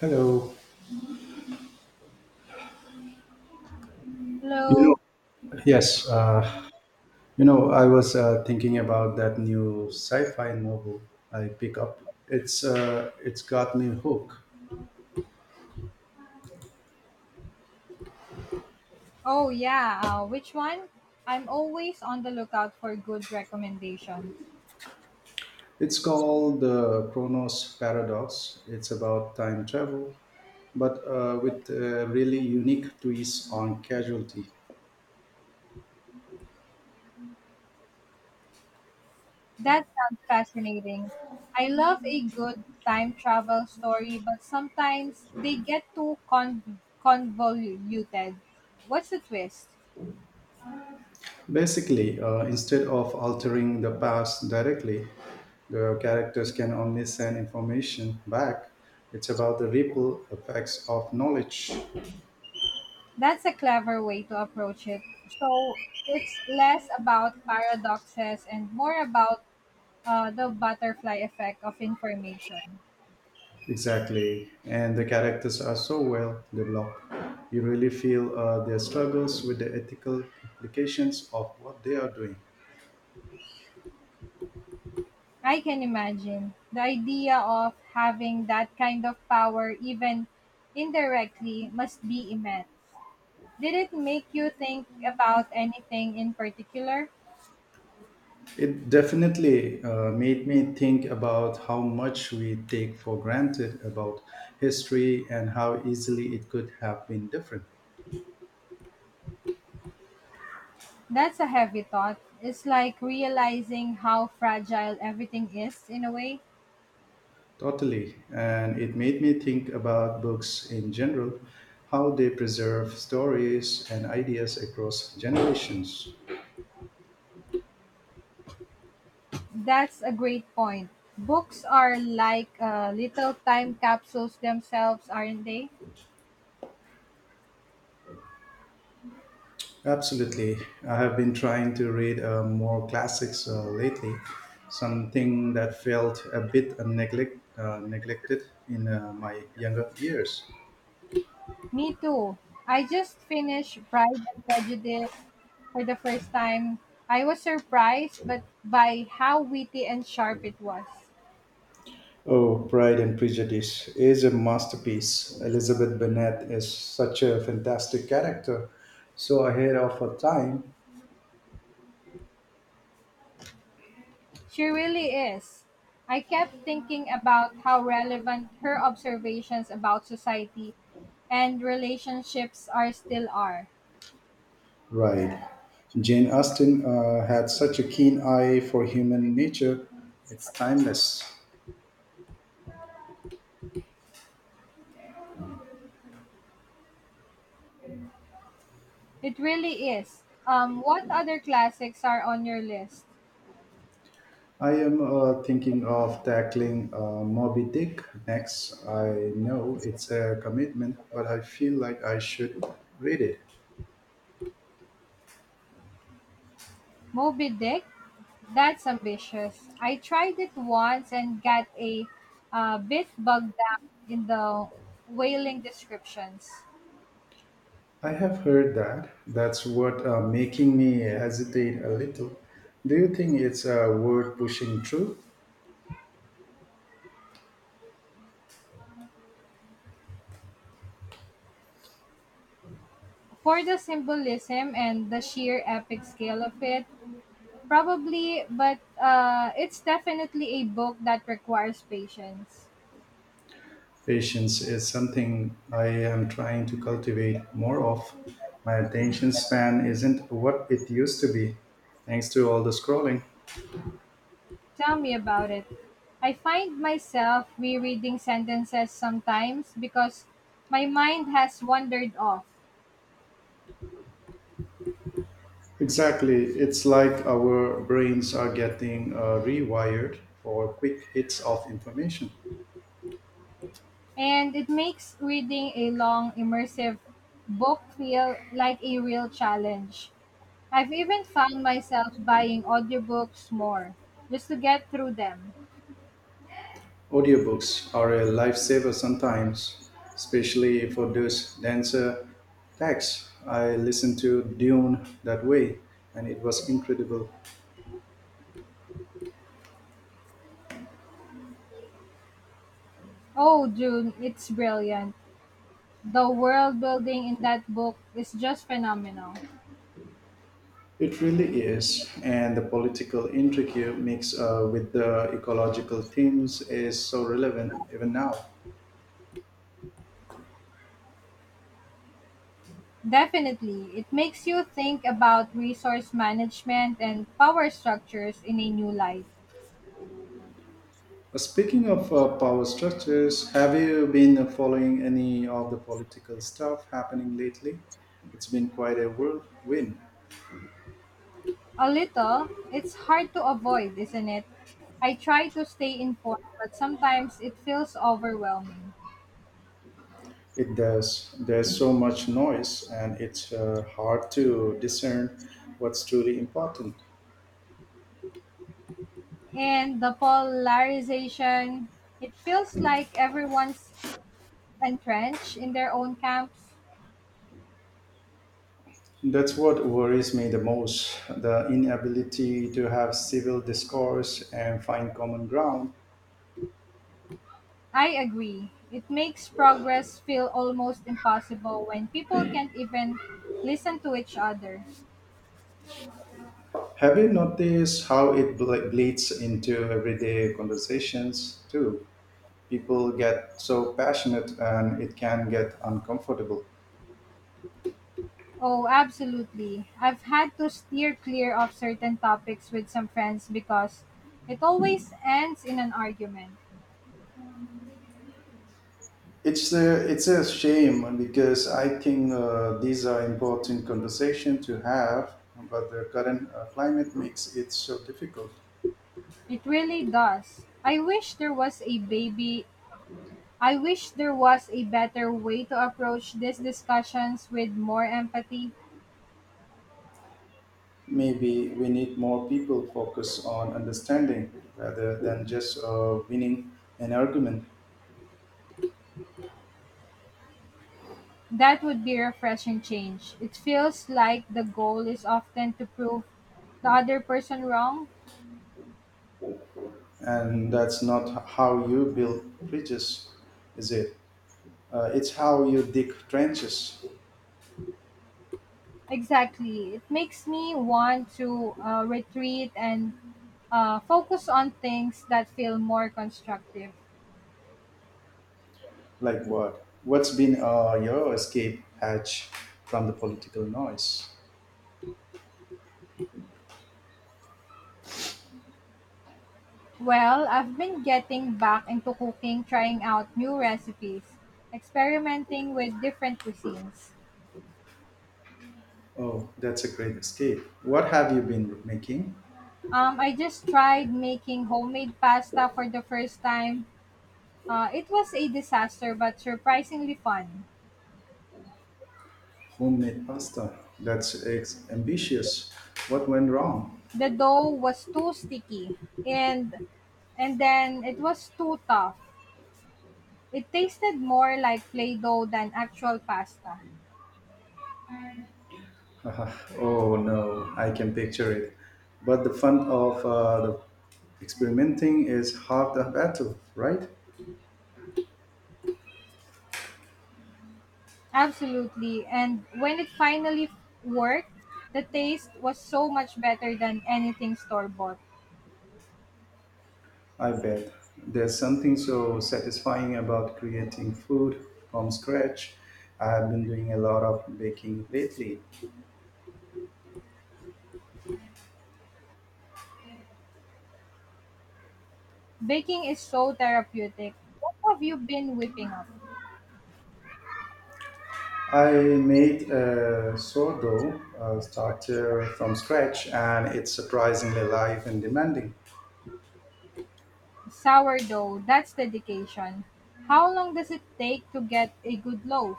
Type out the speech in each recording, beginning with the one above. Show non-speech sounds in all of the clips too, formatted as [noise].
Hello. You know, Hello. yes, uh, I was thinking about that new sci-fi novel I pick up. It's got me hooked. Oh yeah, which one? I'm always on the lookout for good recommendations. It's called the Chronos Paradox. It's about time travel, but with a really unique twist on casualty. That sounds fascinating. I love a good time travel story, but sometimes they get too convoluted. What's the twist? Basically, instead of altering the past directly, the characters can only send information back. It's about the ripple effects of knowledge. That's a clever way to approach it. So it's less about paradoxes and more about the butterfly effect of information. Exactly. And the characters are so well developed. You really feel their struggles with the ethical implications of what they are doing. I can imagine. The idea of having that kind of power, even indirectly, must be immense. Did it make you think about anything in particular? It definitely made me think about how much we take for granted about history and how easily it could have been different. That's a heavy thought. It's like realizing how fragile everything is in a way. Totally. And it made me think about books in general, how they preserve stories and ideas across generations. That's a great point. Books are like little time capsules themselves, aren't they? Absolutely. I have been trying to read more classics lately, something that felt a bit neglected in my younger years. Me too. I just finished Pride and Prejudice for the first time. I was surprised but by how witty and sharp it was. Oh, Pride and Prejudice is a masterpiece. Elizabeth Bennet is such a fantastic character. So ahead of her time, She really is. I kept thinking about how relevant her observations about society and relationships are still are. right. Jane Austen had such a keen eye for human nature. It's timeless. It really is. What other classics are on your list? I am thinking of tackling Moby Dick next. I know it's a commitment, but I feel like I should read it. Moby Dick? That's ambitious. I tried it once and got a bit bogged down in the whaling descriptions. I have heard that. That's what making me hesitate a little. Do you think it's worth pushing through? For the symbolism and the sheer epic scale of it, probably, but it's definitely a book that requires patience. Patience is something I am trying to cultivate more of. My attention span isn't what it used to be, thanks to all the scrolling. Tell me about it. I find myself rereading sentences sometimes because my mind has wandered off. Exactly. It's like our brains are getting rewired for quick hits of information. And it makes reading a long, immersive book feel like a real challenge. I've even found myself buying audiobooks more just to get through them. Audiobooks are a lifesaver sometimes, especially for those denser texts. I listened to Dune that way, and it was incredible. Oh, June, it's brilliant. The world building in that book is just phenomenal. It really is, and the political intrigue mixed with the ecological themes is so relevant even now. Definitely, it makes you think about resource management and power structures in a new light. Speaking of power structures, have you been following any of the political stuff happening lately? It's been quite a whirlwind. A little. It's hard to avoid, isn't it? I try to stay informed, but sometimes it feels overwhelming. It does. There's so much noise, and it's hard to discern what's truly important. And the polarization, it feels like everyone's entrenched in their own camps. That's what worries me the most the inability to have civil discourse and find common ground. I agree. It makes progress feel almost impossible when people can't even listen to each other. Have you noticed how it bleeds into everyday conversations, too? People get so passionate and it can get uncomfortable. Oh, absolutely. I've had to steer clear of certain topics with some friends because it always ends in an argument. It's a shame because I think these are important conversation to have, but the current climate makes it so difficult. It really does. I wish there was a baby. I wish there was a better way to approach these discussions with more empathy. Maybe we need more people focus on understanding rather than just winning an argument. That would be a refreshing change. It feels like the goal is often to prove the other person wrong. And that's not how you build bridges, is it? It's how you dig trenches. Exactly. It makes me want to retreat and focus on things that feel more constructive. Like what? What's been your escape hatch from the political noise? Well, I've been getting back into cooking, trying out new recipes, experimenting with different cuisines. Oh, that's a great escape. What have you been making? I just tried making homemade pasta for the first time. It was a disaster, but surprisingly fun. Homemade pasta. Ambitious. What went wrong? The dough was too sticky, and and then it was too tough. It tasted more like play dough than actual pasta. [laughs] Haha. Oh no, I can picture it. But the fun of the experimenting is half the battle, right? Absolutely. And when it finally worked, the taste was so much better than anything store bought. I bet. There's something so satisfying about creating food from scratch. I have been doing a lot of baking lately. Baking is so therapeutic. What have you been whipping up? I made a sourdough starter from scratch and it's surprisingly live and demanding. Sourdough, that's dedication. How long does it take to get a good loaf?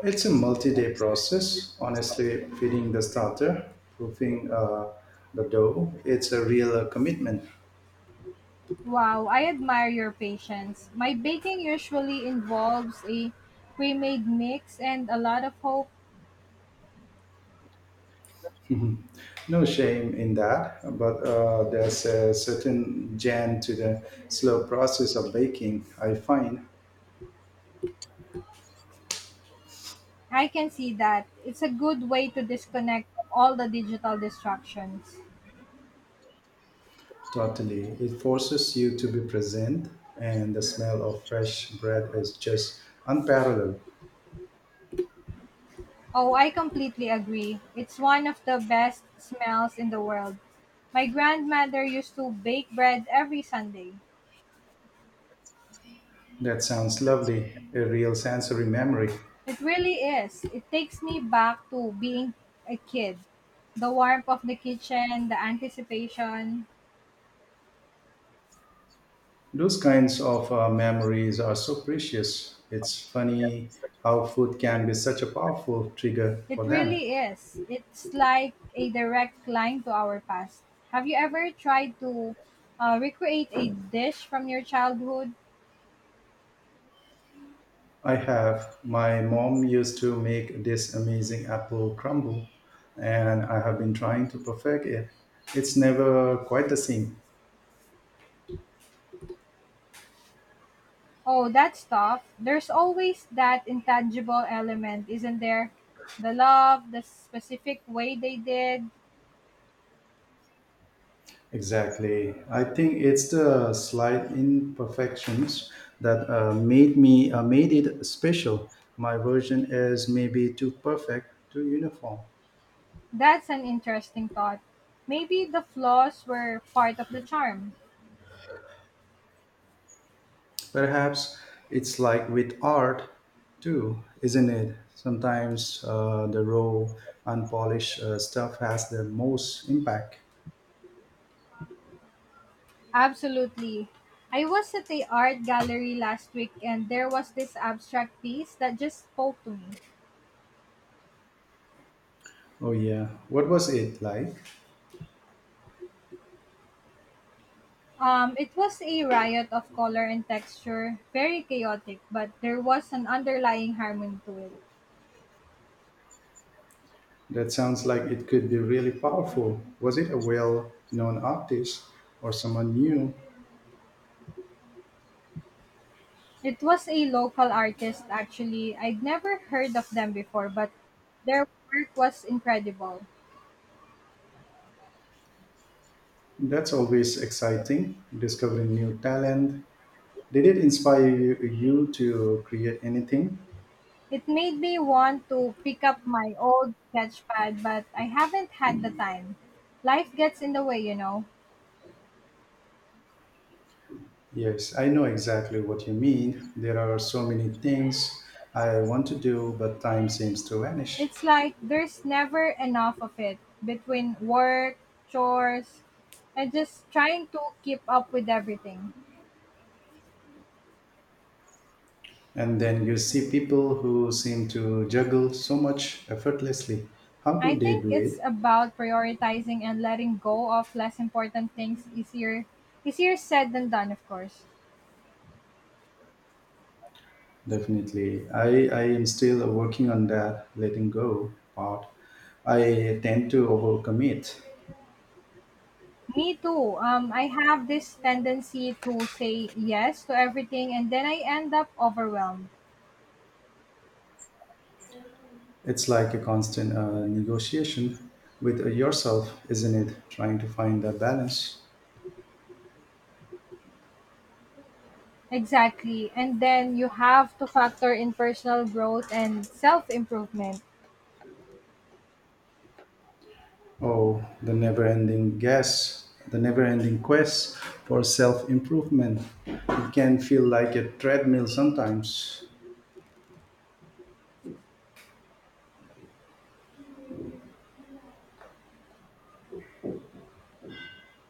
It's a multi day process, honestly, feeding the starter, proofing the dough. It's a real commitment. Wow, I admire your patience. My baking usually involves a pre made mix and a lot of hope. No shame in that, but there's a certain jam to the slow process of baking, I find. I can see that. It's a good way to disconnect from all the digital distractions. Totally. It forces you to be present, and the smell of fresh bread is just unparalleled. Oh, I completely agree. It's one of the best smells in the world. My grandmother used to bake bread every Sunday. That sounds lovely, a real sensory memory. It really is. It takes me back to being a kid. The warmth of the kitchen, the anticipation. Those kinds of memories are so precious. It's funny how food can be such a powerful trigger It for them. really is. It's like a direct line to our past. Have you ever tried to recreate a dish from your childhood? I have. My mom used to make this amazing apple crumble, and I have been trying to perfect it. It's never quite the same. Oh, that's tough. There's always that intangible element, isn't there? The love, the specific way they did. Exactly. I think it's the slight imperfections that made it special. My version is maybe too perfect, too uniform. That's an interesting thought. Maybe the flaws were part of the charm. Perhaps it's like with art too, isn't it? Sometimes the raw, unpolished stuff has the most impact. Absolutely. I was at the art gallery last week and there was this abstract piece that just spoke to me. Oh, yeah. What was it like? It was a riot of color and texture, very chaotic, but there was an underlying harmony to it. That sounds like it could be really powerful. Was it a well known artist or someone new? It was a local artist actually. I'd never heard of them before, but their work was incredible. That's always exciting, discovering new talent. Did it inspire you to create anything? It made me want to pick up my old sketch pad, but I haven't had the time. Life gets in the way, you know. Yes, I know exactly what you mean. There are so many things I want to do, but time seems to vanish. It's like there's never enough of it between work, chores, and just trying to keep up with everything. And then you see people who seem to juggle so much effortlessly. How I do they think do it's it? about prioritizing and letting go of less important things easier easier said than done, of course. Definitely. I am still working on that letting go part. I tend to overcommit. Me too. I have this tendency to say yes to everything and then I end up overwhelmed. It's like a constant negotiation with yourself, isn't it? Trying to find the balance. Exactly. And then you have to factor in personal growth and self improvement. Oh, the never ending quest for self improvement. It can feel like a treadmill sometimes.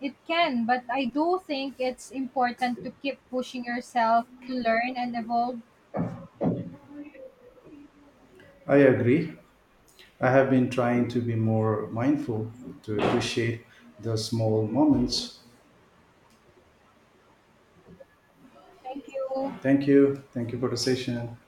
It can, but I do think it's important to keep pushing yourself to learn and evolve. I agree. I have been trying to be more mindful to appreciate the small moments. Thank you. Thank you. Thank you for the session.